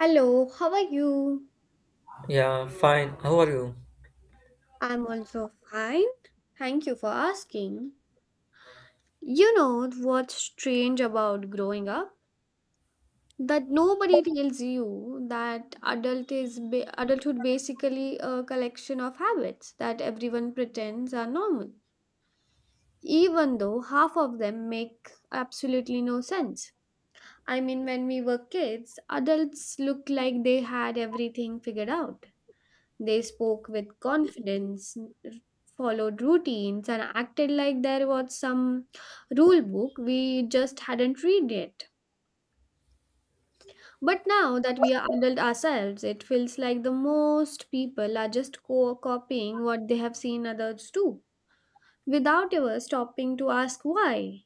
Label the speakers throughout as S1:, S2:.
S1: Hello, how are you?
S2: Yeah, fine. How are you?
S1: I'm also fine. Thank you for asking. You know what's strange about growing up? That nobody tells you that adulthood basically a collection of habits that everyone pretends are normal, even though half of them make absolutely no sense. When we were kids, adults looked like they had everything figured out. They spoke with confidence, followed routines, and acted like there was some rule book we just hadn't read yet. But now that we are adult ourselves, it feels like the most people are just copying what they have seen others do without ever stopping to ask why.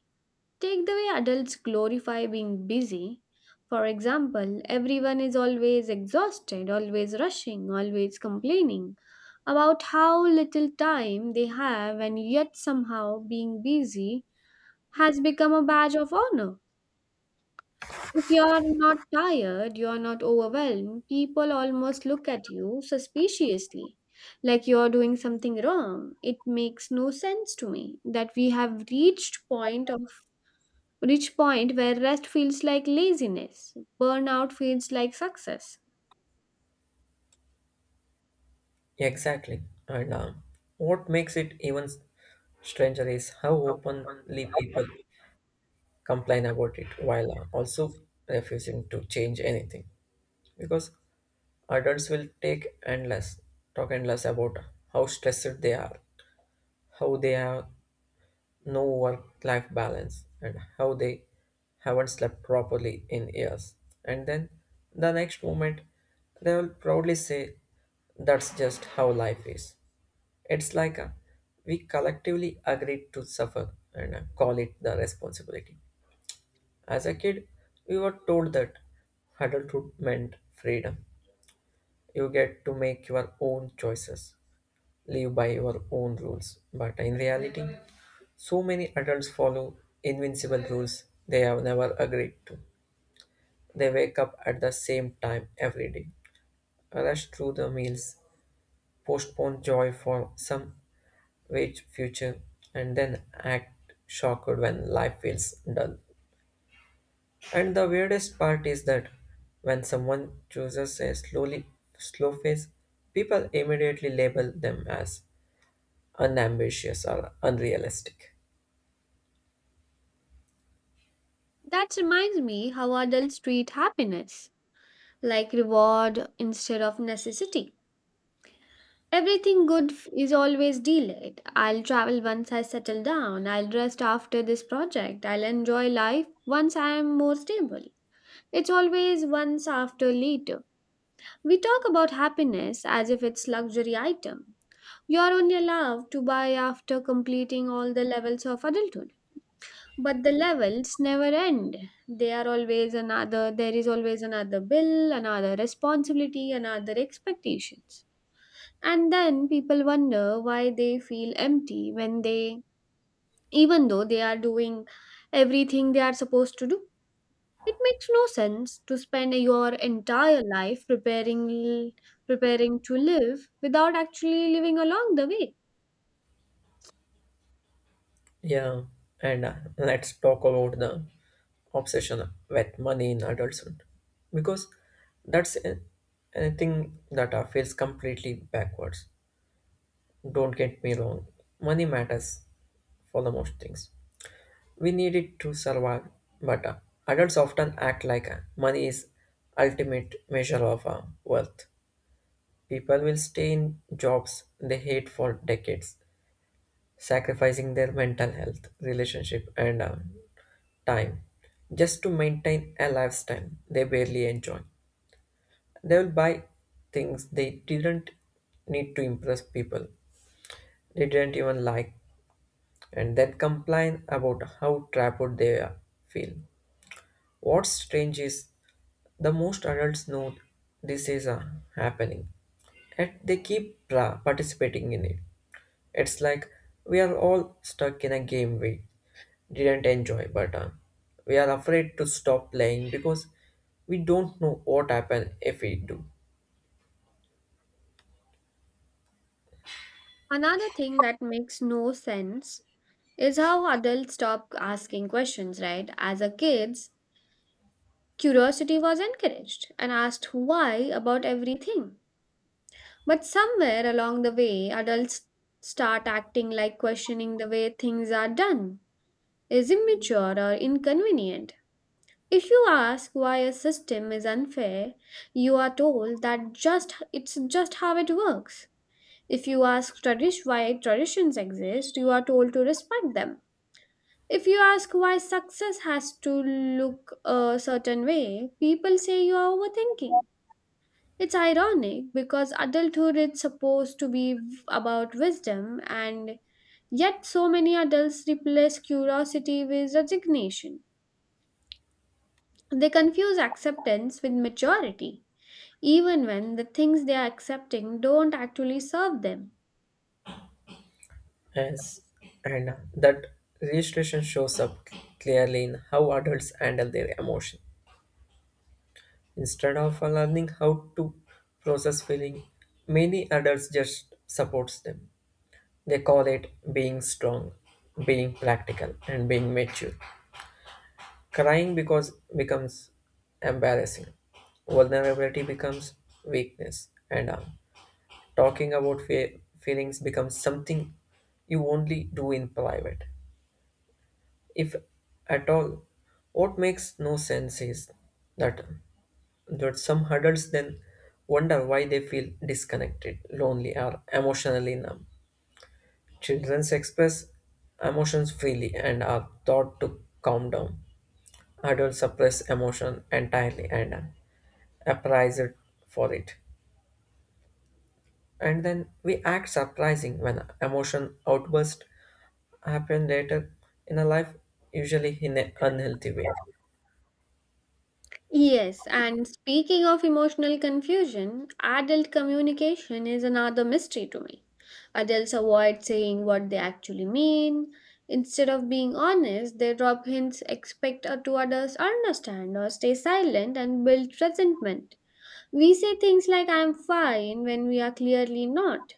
S1: Take the way adults glorify being busy. For example, everyone is always exhausted, always rushing, always complaining about how little time they have, and yet somehow being busy has become a badge of honor. If you're not tired, you're not overwhelmed, people almost look at you suspiciously, like you're doing something wrong. It makes no sense to me that we have reached point of reach point where rest feels like laziness, burnout feels like success.
S2: Exactly. And What makes it even stranger is how openly people complain about it while also refusing to change anything. Because adults will take endless, talk endless about how stressed they are, how they are no work life balance and how they haven't slept properly in years. And then the next moment, they will proudly say, that's just how life is. It's like we collectively agreed to suffer and call it the responsibility. As a kid, we were told that adulthood meant freedom. You get to make your own choices, live by your own rules. But in reality, so many adults follow invincible rules they have never agreed to. They wake up at the same time every day, rush through the meals, postpone joy for some vague future, and then act shocked when life feels dull. And the weirdest part is that when someone chooses a slow phase, people immediately label them as unambitious or unrealistic.
S1: That reminds me how adults treat happiness, like reward instead of necessity. Everything is always delayed. I'll travel once I settle down. I'll rest after this project. I'll enjoy life once I am more stable. It's always once after later. We talk about happiness as if it's luxury item. You are only allowed to buy after completing all the levels of adulthood, but the levels never end. They are always another There is always another bill, another responsibility, another expectations. And then people wonder why they feel empty when they, even though they are doing everything they are supposed to do. It makes no sense to spend your entire life preparing to live without actually living along the way.
S2: Yeah, and let's talk about the obsession with money in adulthood, because that's a- anything that feels completely backwards. Don't get me wrong, money matters for the most things. We need it to survive, but adults often act like money is ultimate measure of wealth. People will stay in jobs they hate for decades, sacrificing their mental health, relationship, and time just to maintain a lifestyle they barely enjoy. They will buy things they didn't need to impress people, they didn't even like, and then complain about how feel. What's strange is the most adults know this is happening, yet they keep participating in it. It's like we are all stuck in a game we didn't enjoy, but we are afraid to stop playing because we don't know what happens if we do.
S1: Another thing that makes no sense is how adults stop asking questions, right? As a kids, curiosity was encouraged and asked why about everything. But somewhere along the way, adults start acting like questioning the way things are done is immature or inconvenient. If you ask why a system is unfair, you are told that just it's just how it works. If you ask tradish why traditions exist, you are told to respect them. If you ask why success has to look a certain way, people say you are overthinking. It's ironic because adulthood is supposed to be about wisdom, and yet so many adults replace curiosity with resignation. They confuse acceptance with maturity, even when the things they are accepting don't actually serve them.
S2: Yes, and that registration shows up clearly in how adults handle their emotion. Instead of learning how to process feeling, many adults just supports them. They call it being strong, being practical, and being mature. Crying because becomes embarrassing. Vulnerability becomes weakness, and talking about feelings becomes something you only do in private, if at all. What makes no sense is that um, that some adults then wonder why they feel disconnected, lonely, or emotionally numb. Children express emotions freely and are taught to calm down. Adults suppress emotion entirely and apprised for it. And then we act surprising when emotion outburst happen later in a life, usually in an unhealthy way.
S1: Yes, and speaking of emotional confusion, adult communication is another mystery to me. Adults avoid saying what they actually mean. Instead of being honest, they drop hints, expect to others understand, or stay silent and build resentment. We say things like "I'm fine" when we are clearly not,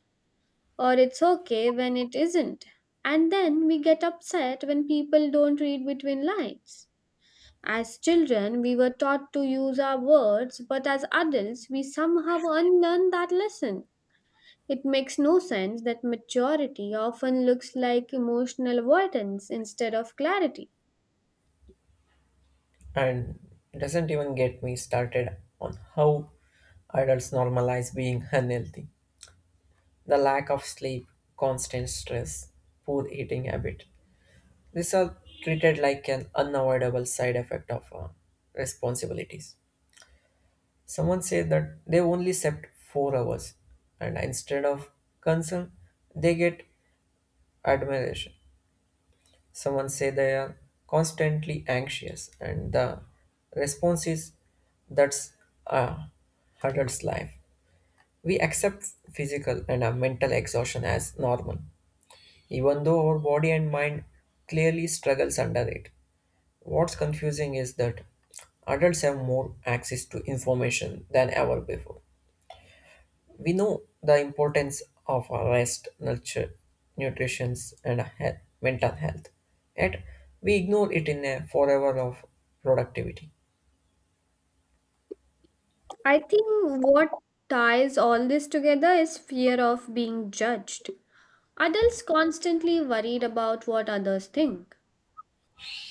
S1: or "It's okay" when it isn't, and then we get upset when people don't read between lines. As children, we were taught to use our words, but as adults, we somehow unlearn that lesson. It makes no sense that maturity often looks like emotional avoidance instead of clarity.
S2: And doesn't even get me started on how adults normalize being unhealthy. The lack of sleep, constant stress, poor eating habit. These are treated like an unavoidable side effect of responsibilities. Someone said that they only slept 4 hours, and instead of concern, they get admiration. Someone say they are constantly anxious, and the response is that's a adult's life. We accept physical and our mental exhaustion as normal, even though our body and mind clearly struggles under it. What's confusing is that adults have more access to information than ever before. We know the importance of our rest, nurture, nutrition, and health, mental health. Yet we ignore it in a forever of productivity.
S1: I think what ties all this together is fear of being judged. Adults constantly worried about what others think.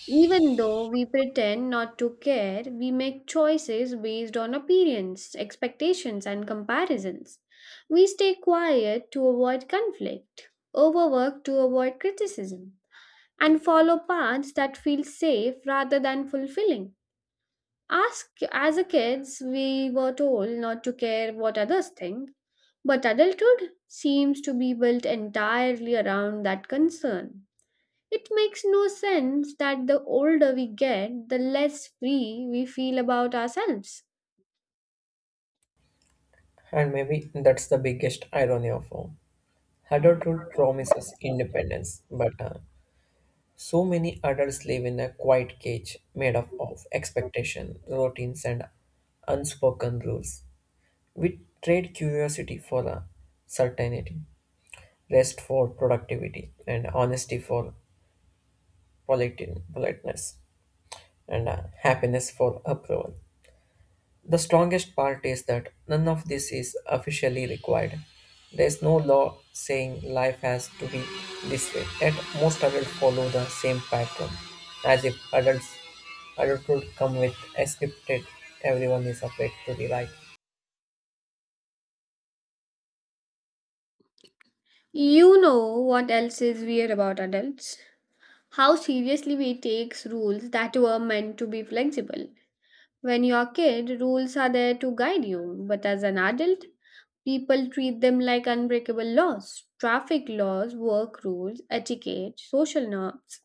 S1: Even though we pretend not to care, we make choices based on appearance, expectations, and comparisons. We stay quiet to avoid conflict, overwork to avoid criticism, and follow paths that feel safe rather than fulfilling. Ask, as a kids, we were told not to care what others think, but adulthood seems to be built entirely around that concern. It makes no sense that the older we get, the less free we feel about ourselves.
S2: And maybe that's the biggest irony of all. Adulthood promises independence, but so many adults live in a quiet cage made up of expectation, routines, and unspoken rules. We trade curiosity for certainty, rest for productivity, and honesty for politeness, and happiness for approval. The strongest part is that none of this is officially required. There is no law saying life has to be this way. Yet most adults follow the same pattern, as if adults adulthood come with a scripted everyone is afraid to be right.
S1: You know what else is weird about adults? How seriously we take rules that were meant to be flexible. When you're a kid, rules are there to guide you, but as an adult, people treat them like unbreakable laws: traffic laws, work rules, etiquette, social norms.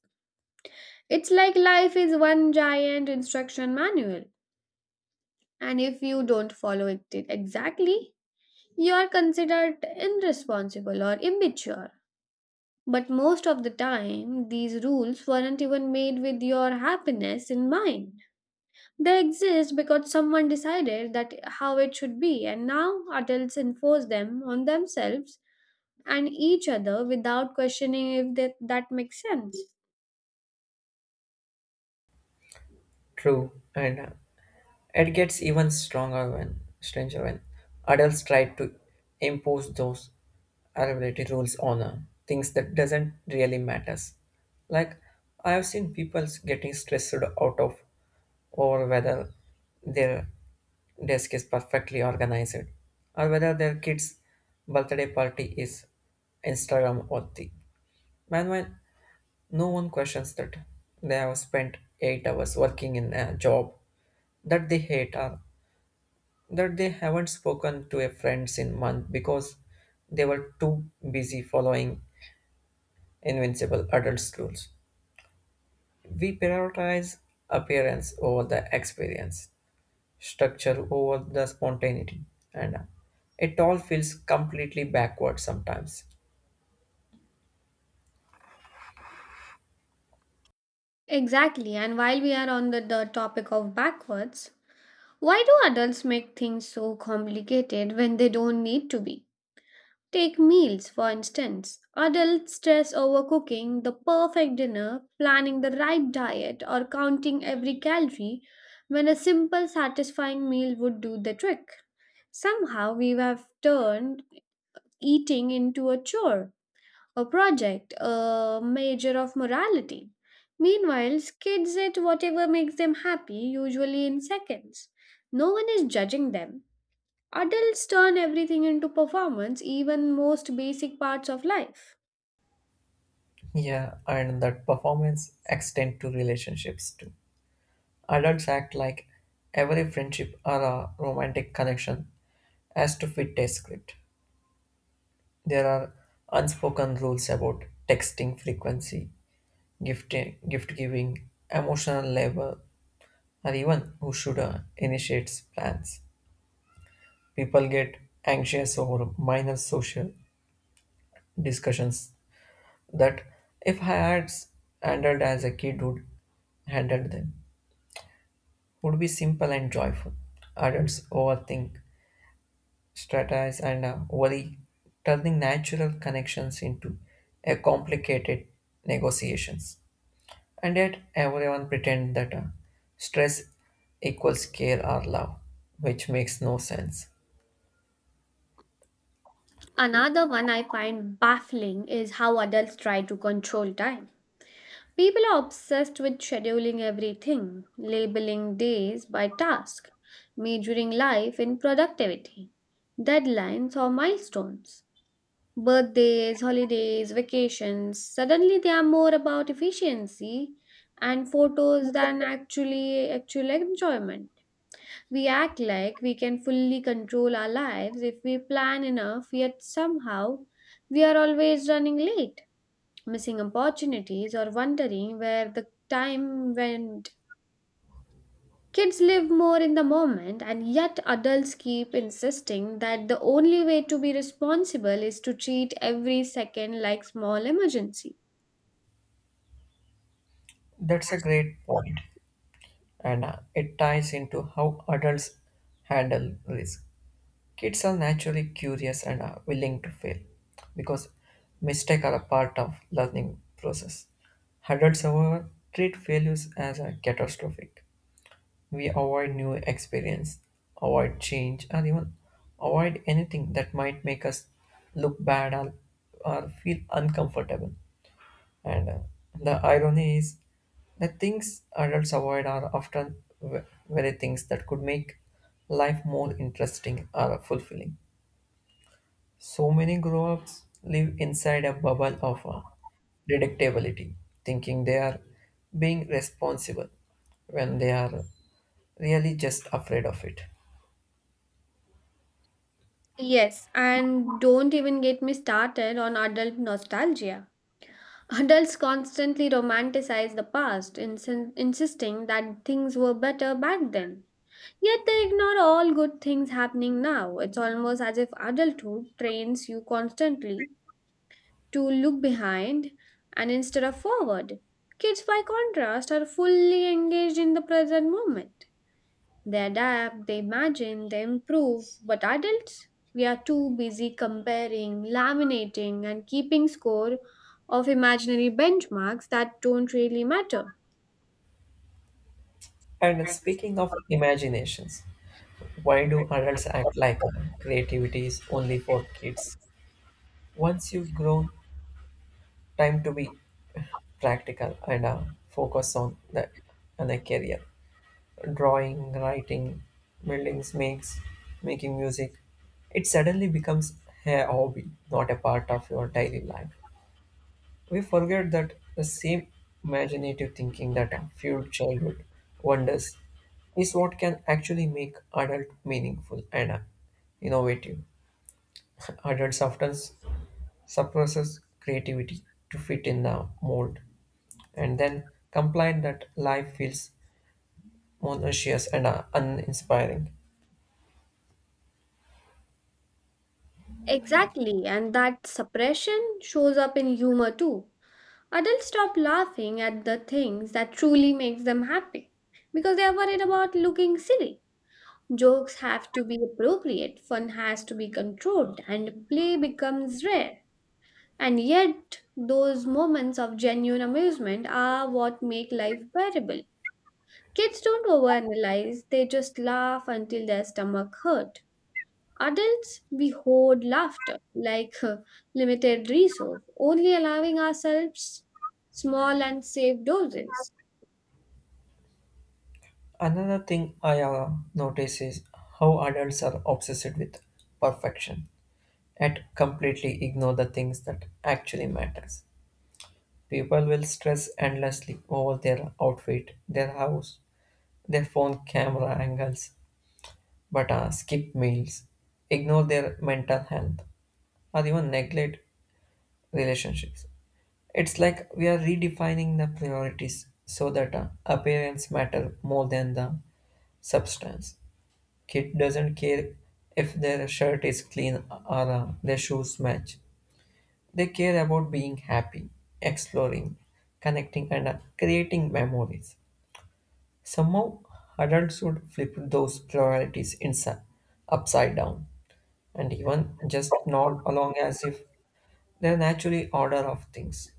S1: It's like life is one giant instruction manual. And if you don't follow it exactly, you are considered irresponsible or immature. But most of the time, these rules weren't even made with your happiness in mind. They exist because someone decided that how it should be, and now adults enforce them on themselves and each other without questioning if that makes sense.
S2: True, and it gets even stronger when stranger when adults try to impose those availability rules on things that doesn't really matters. Like I have seen people getting stressed out of over whether their desk is perfectly organized or whether their kids' birthday party is Instagram worthy. Meanwhile, no one questions that they have spent 8 hours working in a job that they hate or that they haven't spoken to a friends in month because they were too busy following invincible adults rules. We prioritize appearance over the experience, structure over the spontaneity, and it all feels completely backward sometimes.
S1: Exactly, and while we are on the topic of backwards, why do adults make things so complicated when they don't need to be? Take meals, for instance. Adults stress over cooking the perfect dinner, planning the right diet, or counting every calorie when a simple, satisfying meal would do the trick. Somehow, we have turned eating into a chore, a project, a measure of morality. Meanwhile, kids eat whatever makes them happy, usually in seconds. No one is judging them. Adults turn everything into performance, even most basic parts of life.
S2: Yeah, and that performance extend to relationships too. Adults act like every friendship or a romantic connection has to fit a script. There are unspoken rules about texting frequency, gift, gift giving, emotional labor, or even who should initiate plans. People get anxious over minor social discussions that, if handled as a kid would handled them, would be simple and joyful. Adults overthink, strategize, and worry, turning natural connections into a complicated negotiations. And yet, everyone pretends that stress equals care or love, which makes no sense.
S1: Another one I find baffling is how adults try to control time. People are obsessed with scheduling everything, labeling days by task, measuring life in productivity, deadlines, or milestones. Birthdays, holidays, vacations, suddenly they are more about efficiency and photos than actual enjoyment. We act like we can fully control our lives if we plan enough, yet somehow we are always running late, missing opportunities, or wondering where the time went. Kids live more in the moment, and yet adults keep insisting that the only way to be responsible is to treat every second like small emergency.
S2: That's a great point, and it ties into how adults handle risk. Kids are naturally curious and are willing to fail because mistakes are a part of learning process. Adults, however, treat failures as a catastrophic. We avoid new experience, avoid change, and even avoid anything that might make us look bad or feel uncomfortable. And The irony is that things adults avoid are often very things that could make life more interesting or fulfilling. So many grow ups live inside a bubble of deductibility, thinking they are being responsible when they are really just afraid of it.
S1: Yes, and don't even get me started on adult nostalgia. Adults constantly romanticize the past, insisting that things were better back then. Yet they ignore all good things happening now. It's almost as if adulthood trains you constantly to look behind and instead of forward. Kids, by contrast, are fully engaged in the present moment. They adapt, they imagine, they improve, but adults, we are too busy comparing, laminating, and keeping score of imaginary benchmarks that don't really matter.
S2: And speaking of imaginations, why do adults act like creativity is only for kids? Once you've grown, time to be practical and focus on the on a career. Drawing, writing, building makes making music. It suddenly becomes a hobby, not a part of your daily life. We forget that the same imaginative thinking that fueled childhood wonders is what can actually make adult meaningful and innovative. Adults often suppresses creativity to fit in the mold and then complain that life feels monotonous and uninspiring.
S1: Exactly, and that suppression shows up in humor too. Adults stop laughing at the things that truly makes them happy because they are worried about looking silly. Jokes have to be appropriate, fun has to be controlled, and play becomes rare. And yet, those moments of genuine amusement are what make life bearable. Kids don't overanalyze, they just laugh until their stomach hurt. Adults, we hoard laughter like limited resource, only allowing ourselves small and safe doses.
S2: Another thing I notice is how adults are obsessed with perfection and completely ignore the things that actually matters. People will stress endlessly over their outfit, their house, their phone camera angles, but skip meals, ignore their mental health, or even neglect relationships. It's like we are redefining the priorities so that appearance matter more than the substance. Kid doesn't care if their shirt is clean or their shoes match. They care about being happy, exploring, connecting, and creating memories. Somehow, adults would flip those priorities inside, upside down, and even just nod along as if they're naturally order of things.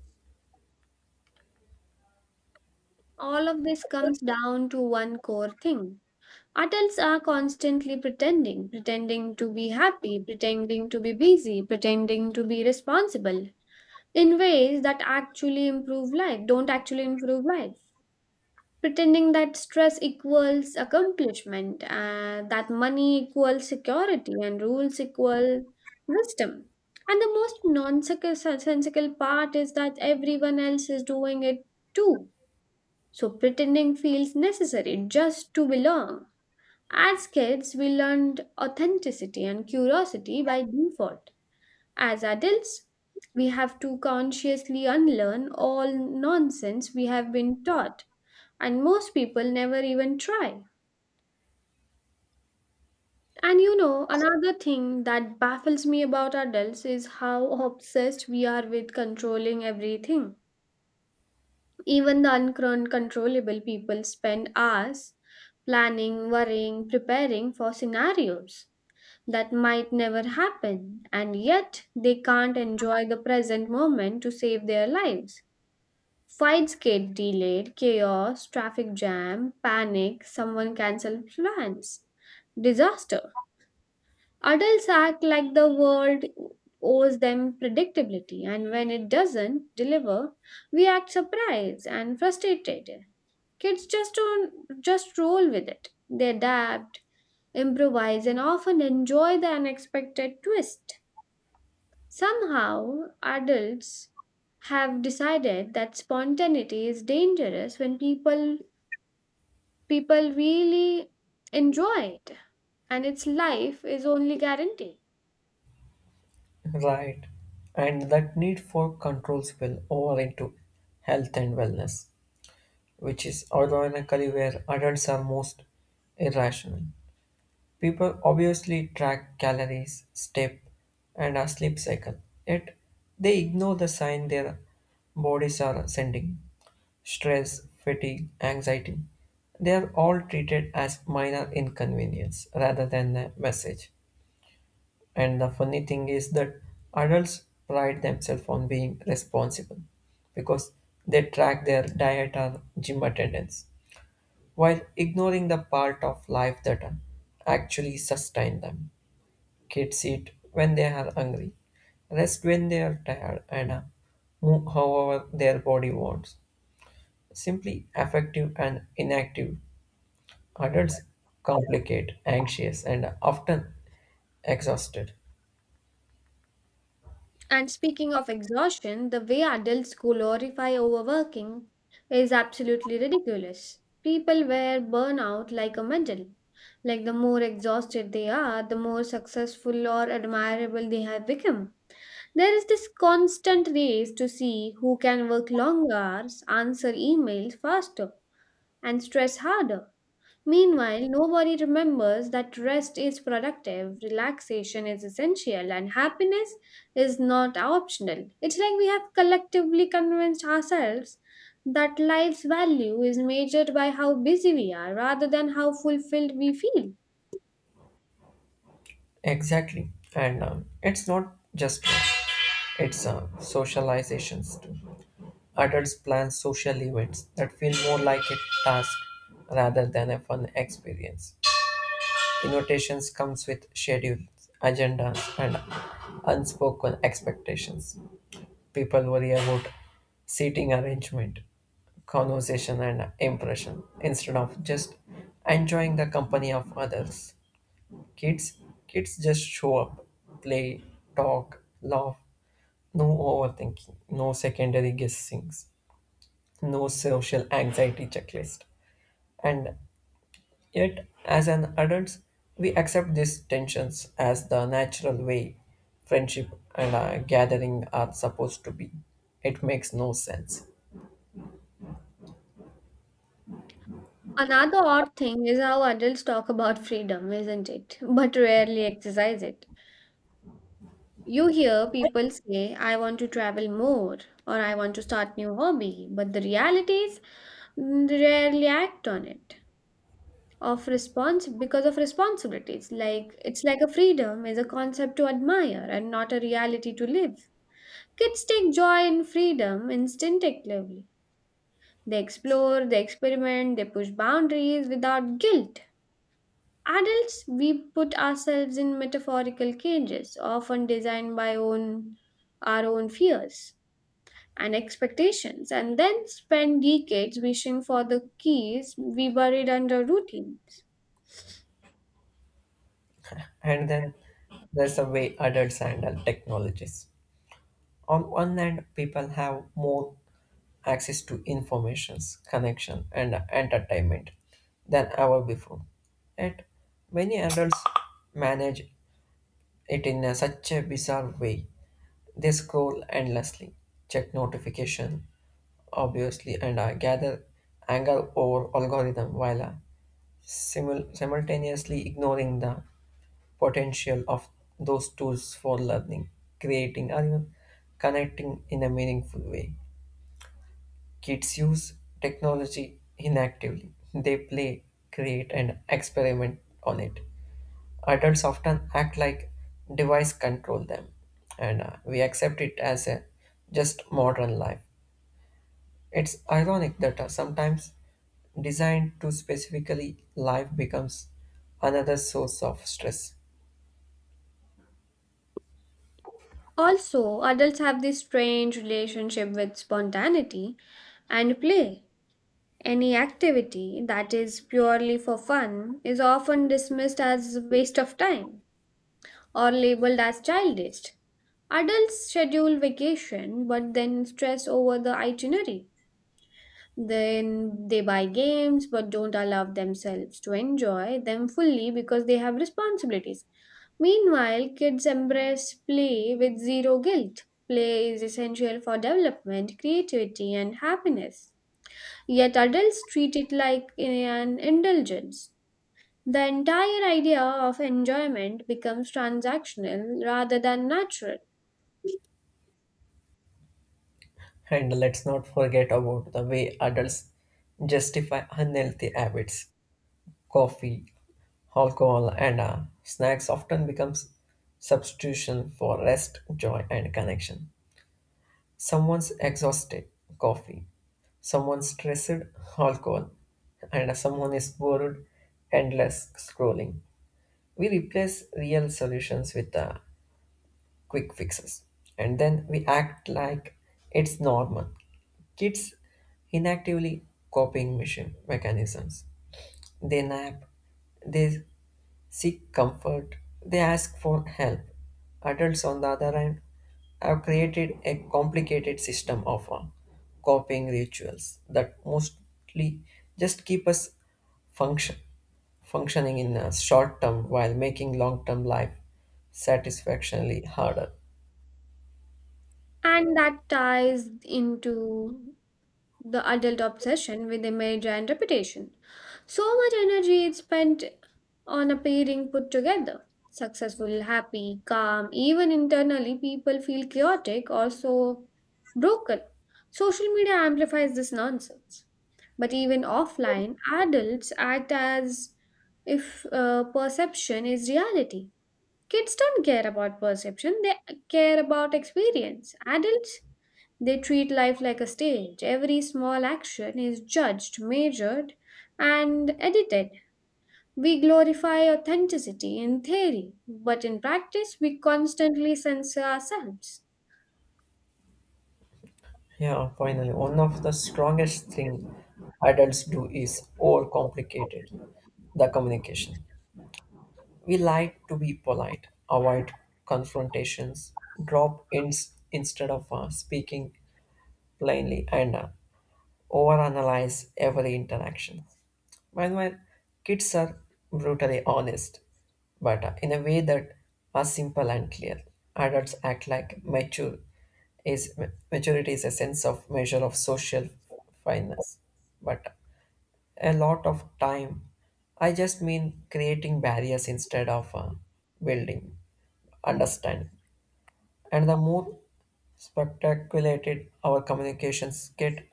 S1: All of this comes down to one core thing. Adults are constantly pretending, pretending to be happy, pretending to be busy, pretending to be responsible in ways that don't actually improve life. Pretending that stress equals accomplishment, that money equals security, and rules equal wisdom. And the most nonsensical part is that everyone else is doing it too. So pretending feels necessary just to belong. As kids, we learned authenticity and curiosity by default. As adults, we have to consciously unlearn all nonsense we have been taught, and most people never even try. And you know, another thing that baffles me about adults is how obsessed we are with controlling everything. Even the uncontrollable, people spend hours planning, worrying, preparing for scenarios that might never happen, and yet they can't enjoy the present moment to save their lives. Fights get delayed, chaos, traffic jam, panic, someone cancel plans, disaster. Adults act like the world owes them predictability, and when it doesn't deliver, we act surprised and frustrated. Kids just don't just roll with it. They adapt, improvise, and often enjoy the unexpected twist. Somehow, adults have decided that spontaneity is dangerous when people really enjoy it and its life is only guaranteed.
S2: Right. And that need for control spill over into health and wellness, which is ironically where adults are most irrational. People obviously track calories, step, and a sleep cycle, yet they ignore the sign their bodies are sending. Stress, fatigue, anxiety, they are all treated as minor inconvenience rather than a message. And the funny thing is that adults pride themselves on being responsible because they track their diet or gym attendance while ignoring the part of life that actually sustain them. Kids eat when they are hungry, rest when they are tired, and move however their body wants. Simply affective and inactive adults complicate, anxious, and often exhausted.
S1: And speaking of exhaustion, the way adults glorify overworking is absolutely ridiculous. People wear burnout like a medal. Like the more exhausted they are, the more successful or admirable they have become. There is this constant race to see who can work long hours, answer emails faster, and stress harder. Meanwhile, nobody remembers that rest is productive, relaxation is essential, and happiness is not optional. It's like we have collectively convinced ourselves that life's value is measured by how busy we are rather than how fulfilled we feel.
S2: Exactly. And It's not just work, it's socializations too. Adults plan social events that feel more like a task rather than a fun experience. Invitations comes with schedules, agendas, and unspoken expectations. People worry about seating arrangement, conversation, and impression instead of just enjoying the company of others. Kids, kids just show up, play, talk, laugh. No overthinking, no secondary guessings, no social anxiety checklist, and yet, as an adults, we accept these tensions as the natural way friendship and gathering are supposed to be. It makes no sense.
S1: Another odd thing is how adults talk about freedom, isn't it? But rarely exercise it. You hear people say, I want to travel more or I want to start new hobby, but the reality is, they rarely act on it. Of response because of responsibilities. Like it's like a freedom is a concept to admire and not a reality to live. Kids take joy in freedom instinctively. They explore, they experiment, they push boundaries without guilt. Adults, we put ourselves in metaphorical cages, often designed by own our own fears and expectations, and then spend decades wishing for the keys we buried under routine.
S2: And then there's the way adults handle technologies. On one hand, people have more access to informations, connection, and entertainment than ever before. Yet, many adults manage it in such a bizarre way. They scroll endlessly, check notification, obviously, and I gather anger over algorithm while simultaneously ignoring the potential of those tools for learning, creating, or even connecting in a meaningful way. Kids use technology inactively. They play, create, and experiment on it. Adults often act like device control them, and we accept it as a just modern life. It's ironic that sometimes designed to specifically life becomes another source of stress.
S1: Also, adults have this strange relationship with spontaneity and play. Any activity that is purely for fun is often dismissed as waste of time or labeled as childish. Adults schedule vacation but then stress over the itinerary. Then they buy games but don't allow themselves to enjoy them fully because they have responsibilities. Meanwhile, kids embrace play with zero guilt. Play is essential for development, creativity, and happiness. Yet adults treat it like an indulgence. The entire idea of enjoyment becomes transactional rather than natural,
S2: And let's not forget about the way adults justify unhealthy habits. Coffee, alcohol, and snacks often becomes substitution for rest, joy, and connection. Someone's exhausted, coffee. Someone's stressed, alcohol. And someone is bored, endless scrolling. We replace real solutions with quick fixes and then we act like it's normal. Kids inactively copying machine mechanisms. They nap, they seek comfort, they ask for help. Adults, on the other hand, have created a complicated system of coping rituals that mostly just keep us function, functioning in a short term while making long term life satisfactorily harder.
S1: and that ties into the adult obsession with image and reputation. So much energy is spent on appearing put together. Successful, happy, calm, even internally, people feel chaotic or so broken. Social media amplifies this nonsense. But even offline, adults act as if perception is reality. Kids don't care about perception, they care about experience. Adults, they treat life like a stage. Every small action is judged, measured, and edited. We glorify authenticity in theory, but in practice, we constantly censor ourselves.
S2: Yeah, finally, one of the strongest thing adults do is overcomplicated the communication. We lied to be polite, avoid confrontations, drop hints instead of speaking plainly, and overanalyze every interaction. Meanwhile, kids are brutally honest, but in a way that are simple and clear. Adults act like mature. Is Maturity is a sense of measure of social fineness, but a lot of time. I just mean creating barriers instead of building understanding. And the more spectaculated our communications get,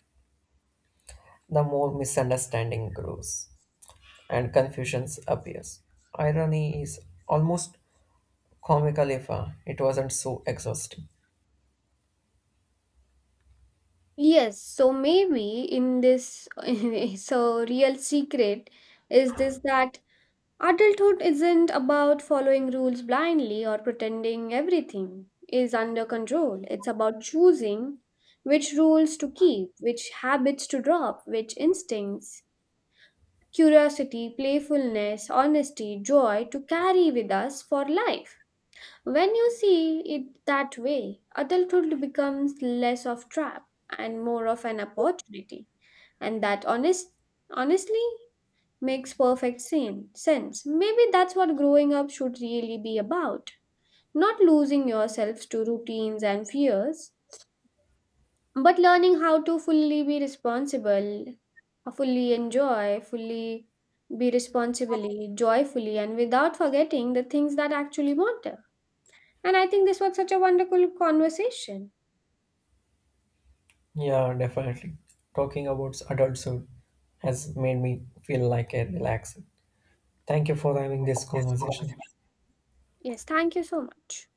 S2: the more misunderstanding grows and confusions appears. Irony is almost comical if it wasn't so exhausting.
S1: Yes, so maybe in this, so real secret is this that adulthood isn't about following rules blindly or pretending everything is under control. It's about choosing which rules to keep, which habits to drop, which instincts, curiosity, playfulness, honesty, joy to carry with us for life. When you see it that way, adulthood becomes less of trap and more of an opportunity. And that honestly makes sense. Maybe that's what growing up should really be about. Not losing yourselves to routines and fears, but learning how to fully be responsible, fully enjoy, fully be responsibly, joyfully, and without forgetting the things that actually matter. And I think this was such a wonderful conversation.
S2: Yeah, definitely. Talking about adulthood has made me feel like a relaxed. Thank you for having this conversation.
S1: Yes, thank you so much.